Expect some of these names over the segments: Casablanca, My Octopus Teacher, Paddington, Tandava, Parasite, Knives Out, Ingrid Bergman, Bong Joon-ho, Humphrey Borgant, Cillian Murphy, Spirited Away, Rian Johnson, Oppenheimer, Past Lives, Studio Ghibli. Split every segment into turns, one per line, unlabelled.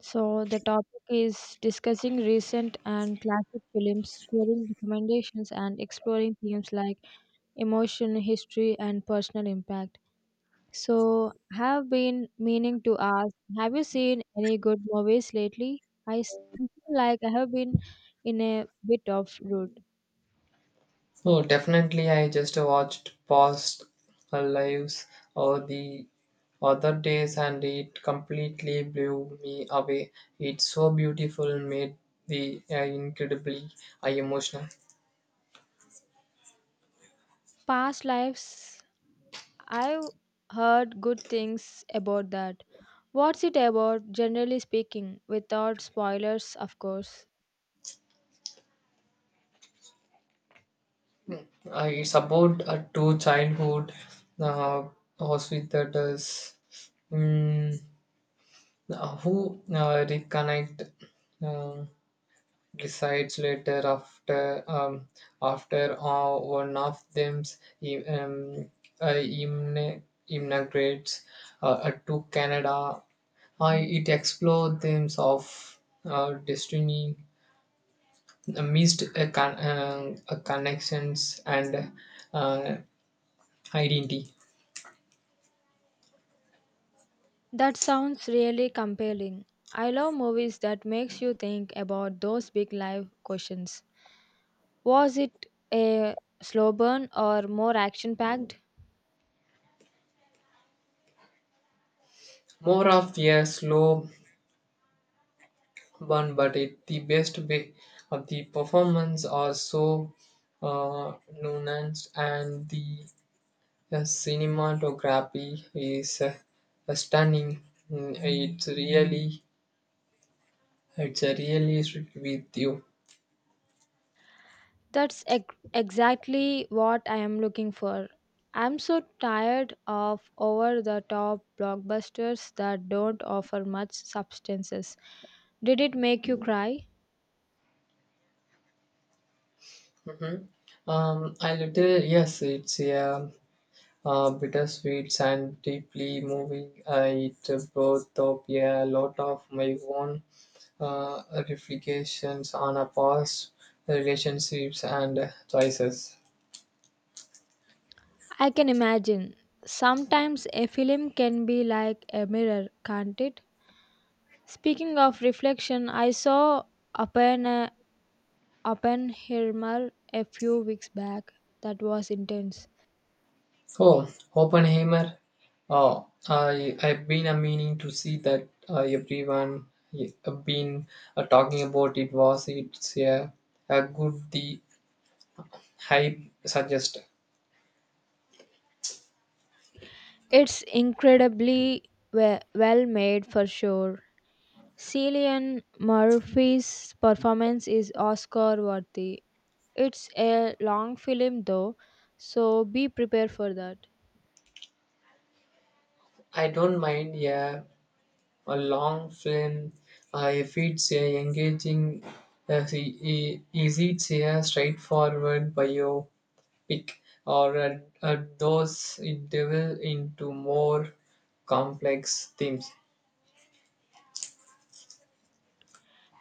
So, the topic is discussing recent and classic films, sharing recommendations, and exploring themes like emotion, history, and personal impact. So, have been meaning to ask. Have you seen any good movies lately? I feel like I have been in a bit of route.
Oh, definitely. I just watched Past Lives or the other days and it completely blew me away. It's so beautiful, made the incredibly emotional.
Past lives, I've heard good things about that. What's it about, generally speaking, without spoilers, of course?
It's about two childhood uh, hospitals mm, who reconnect. Uh, Decides later after after one of them um, uh, immi- immigrates to Canada. It explores themes of destiny, missed connections, and uh, identity.
That sounds really compelling. I love movies that makes you think about those big life questions. Was it a slow burn or more action packed?
More of a slow burn, but it the best way of the performance are so uh, nuanced and the cinematography is stunning. Mm, it's really with you.
Exactly what I am looking for. I'm so tired of over the top blockbusters that don't offer much substances. Did it make you cry?
Mhm. I little yes, it's a, bittersweet and deeply moving. I it brought up, yeah, a lot of my own uh, reflections on a past relationships and choices.
I can imagine. Sometimes a film can be like a mirror, can't it? Speaking of reflection, I saw Oppen- Oppenheimer a few weeks back. That was intense.
Oh, Oppenheimer. Oh, I've been a meaning to see that, everyone have been talking about it. Was it's a good the hype suggest?
Well made for sure. Cillian Murphy's performance is Oscar worthy. It's a long film though, so be prepared for that.
I don't mind a long film if it's a engaging. Is it a straightforward biopic or does it delve into more complex themes?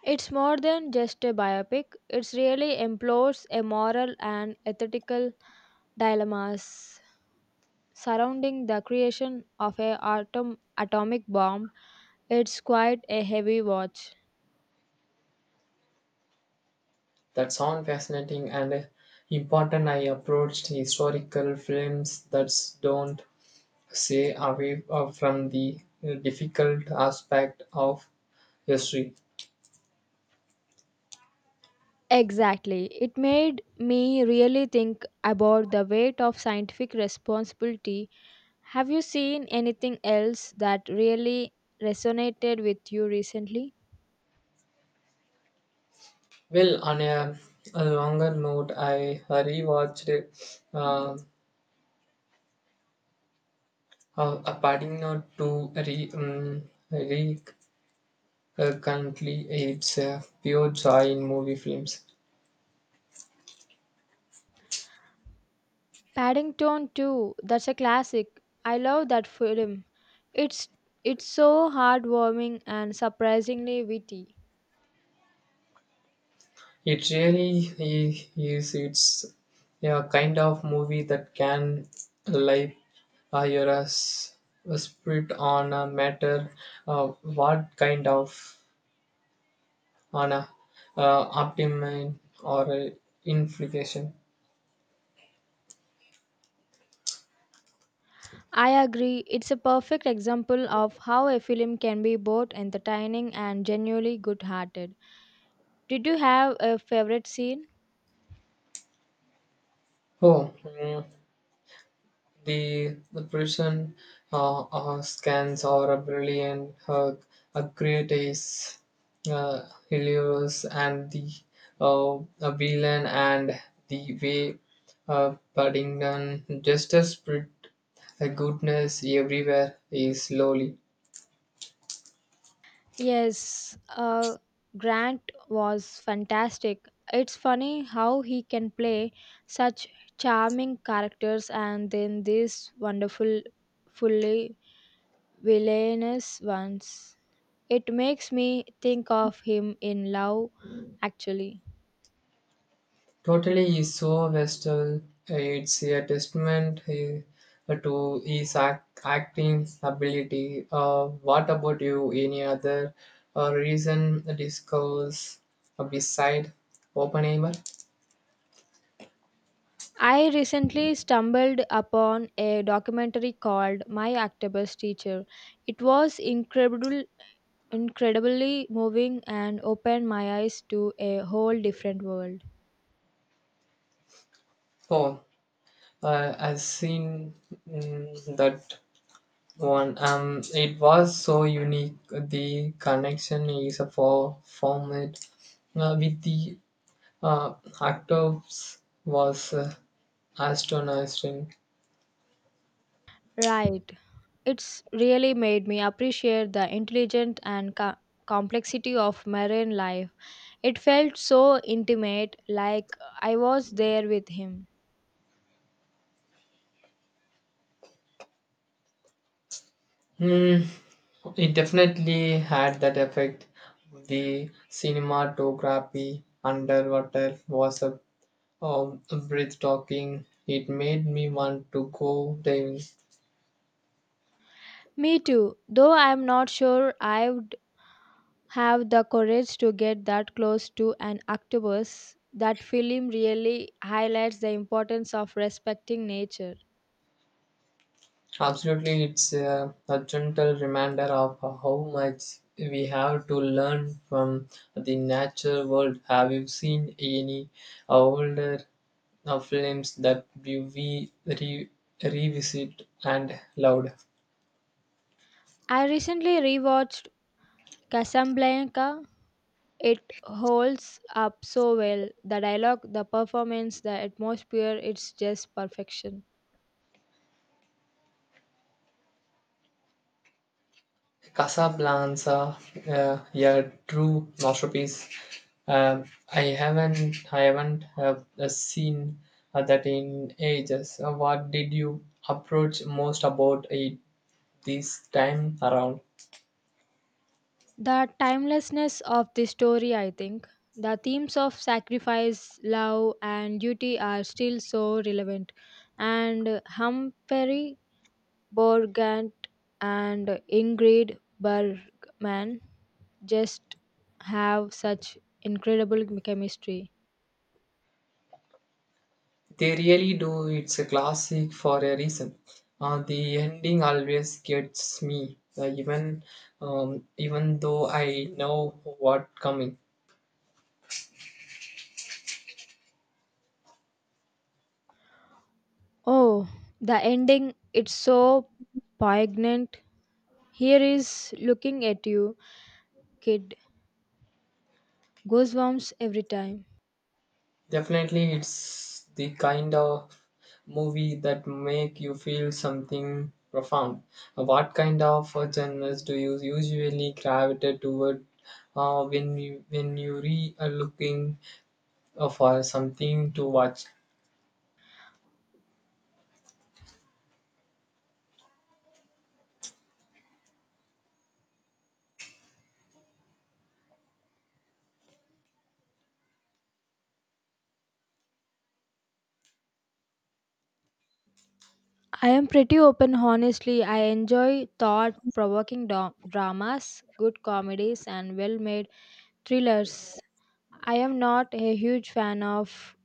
It's more than just a biopic. It really implores a moral and ethical dilemmas surrounding the creation of atomic bomb, it's quite a heavy watch.
That sound fascinating and important. I approached historical films that don't say away from the difficult aspect of history.
Exactly. It made me really think about the weight of scientific responsibility. Have you seen anything else that really resonated with you recently?
Well, on a longer note, I rewatched a, a Padino to re, re currently it's a pure joy in movie films.
Paddington too. That's a classic. I love that film. It's it's so heartwarming and surprisingly witty.
It really is. It's a kind of movie that can light uh, your s- a spirit on a matter. Uh, what kind of on a optimum or a implication?
I agree. It's a perfect example of how a film can be both entertaining and genuinely good hearted. Did you have a favorite scene?
Oh, mm, the prison scans or a brilliant creates hilarious and the a villain and the way Paddington justice spread a goodness everywhere is slowly.
Yes, Grant was fantastic. It's funny how he can play such charming characters and then these wonderful, fully villainous ones. It makes me think of him in love, actually.
Totally, is so Western. It's a testament, eh, to his acting ability. What about you? Any other reason discuss beside Oppenheimer?
I recently stumbled upon a documentary called My Octopus Teacher. It was incredibly moving and opened my eyes to a whole different world.
Oh, I've seen, that one. It was so unique. The connection is a for format with the actors was astonishing.
Right. It's really made me appreciate the intelligence and complexity of marine life. It felt so intimate, like I was there with him.
Hmm, it definitely had that effect. The cinematography underwater was a breathtaking. It made me want to go diving.
Me too, though I'm not sure I would have the courage to get that close to an octopus. That film really highlights the importance of respecting nature.
Absolutely, it's a gentle reminder of how much we have to learn from the natural world. Have you seen any older films that you revisit and loved?
I recently rewatched Casablanca. It holds up so well. The dialogue, the performance, the atmosphere, it's just perfection.
Casablanca, a true masterpiece. Um, I haven't seen that in ages. What did you approach most about it this time around?
The timelessness of the story, I think. The themes of sacrifice, love, and duty are still so relevant. And Humphrey Borgant and Ingrid Bergman just have such incredible chemistry.
They really do. It's a classic for a reason. The ending always gets me, even though I know what coming.
Oh, the ending, it's so poignant. Here is looking at you, kid. Goosebumps every time.
Definitely, it's the kind of movie that make you feel something profound. What kind of genres do you usually gravitate toward when you re are looking for something to watch?
I am pretty open, honestly. I enjoy thought provoking dramas, good comedies, and well made thrillers. I am not a huge fan of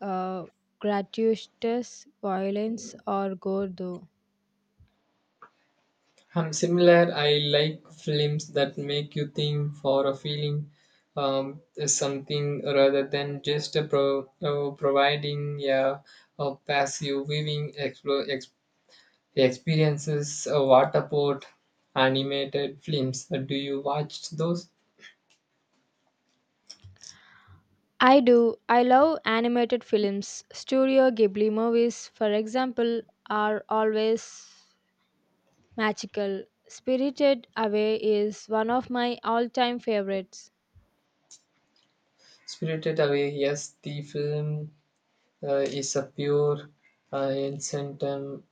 uh, gratuitous violence or gore, though.
I'm similar. I like films that make you think for a feeling is something rather than just a providing a passive viewing explore, he experiences water port, animated films. Do you watch those?
I do. I love animated films. Studio Ghibli movies, for example, are always magical. Spirited Away is one of my all time favorites.
Spirited Away, yes, the film is a pure enchantment.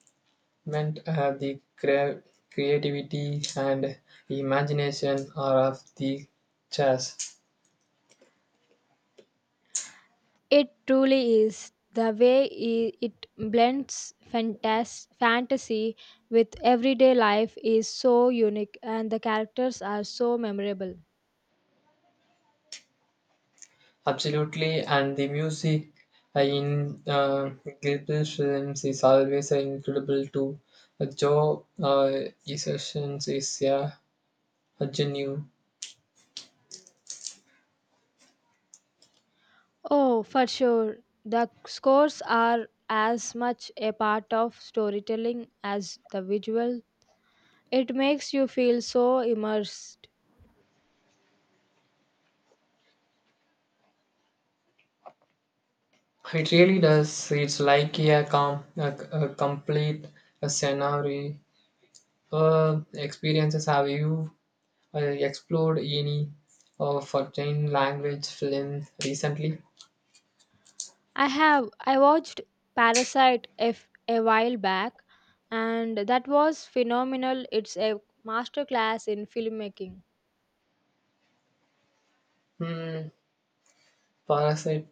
Uh, the crea- Creativity and imagination are of the chess.
It truly is. The way it blends fantasy with everyday life is so unique, and the characters are so memorable.
Absolutely, and the music in Gilbert films is always incredible too. Joe Sessions is a genius.
Oh, for sure. The scores are as much a part of storytelling as the visual. It makes you feel so immersed.
It really does. It's like a, a complete a scenario. Experiences have you explored any foreign language film recently?
I watched Parasite F a while back and that was phenomenal. It's a masterclass in filmmaking.
Hmm, Parasite.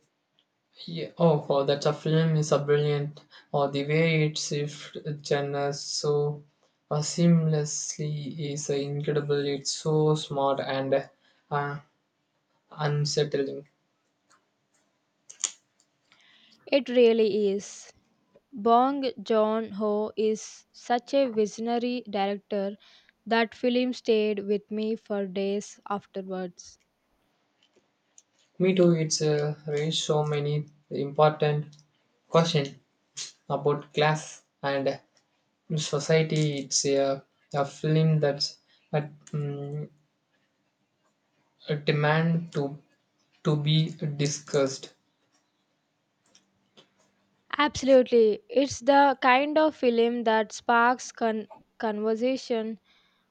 Yeah. Oh, oh, that's a film is a brilliant. Or the way it shifts genres so seamlessly is incredible. It's so smart and uh, unsettling.
It really is. Bong Joon-ho is such a visionary director that film stayed with me for days afterwards.
Me too, it's raised so many important questions about class and society. It's a film that's a, mm, a demand to be discussed.
Absolutely. It's the kind of film that sparks conversation.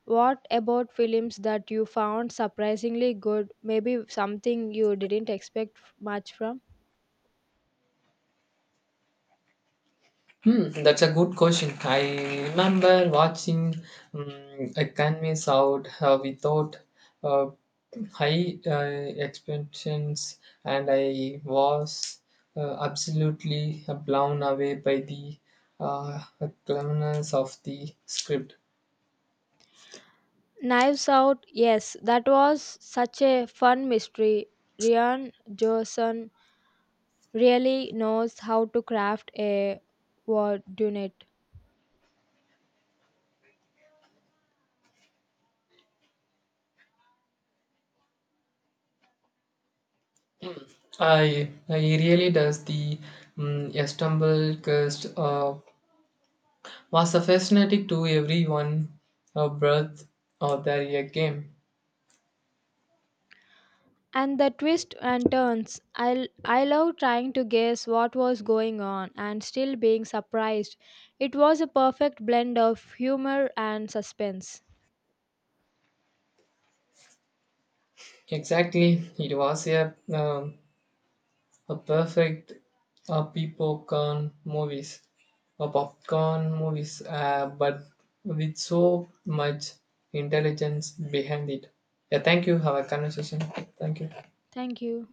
What about films that you found surprisingly good? Maybe something you didn't expect much from?
Hmm, that's a good question. I remember watching a canvas out without uh, high expectations and I was absolutely blown away by the uh, cleverness of the script.
Knives Out, yes, that was such a fun mystery. Rian Johnson really knows how to craft a war unit.
I really does the stumble cast was a fascinating to everyone breath or their game.
And the twists and turns. I love trying to guess what was going on and still being surprised. It was a perfect blend of humor and suspense.
Exactly, it was a a perfect popcorn movies, a popcorn movies, but with so much intelligence behind it. Yeah, thank you. Have a conversation. Thank you.
Thank you.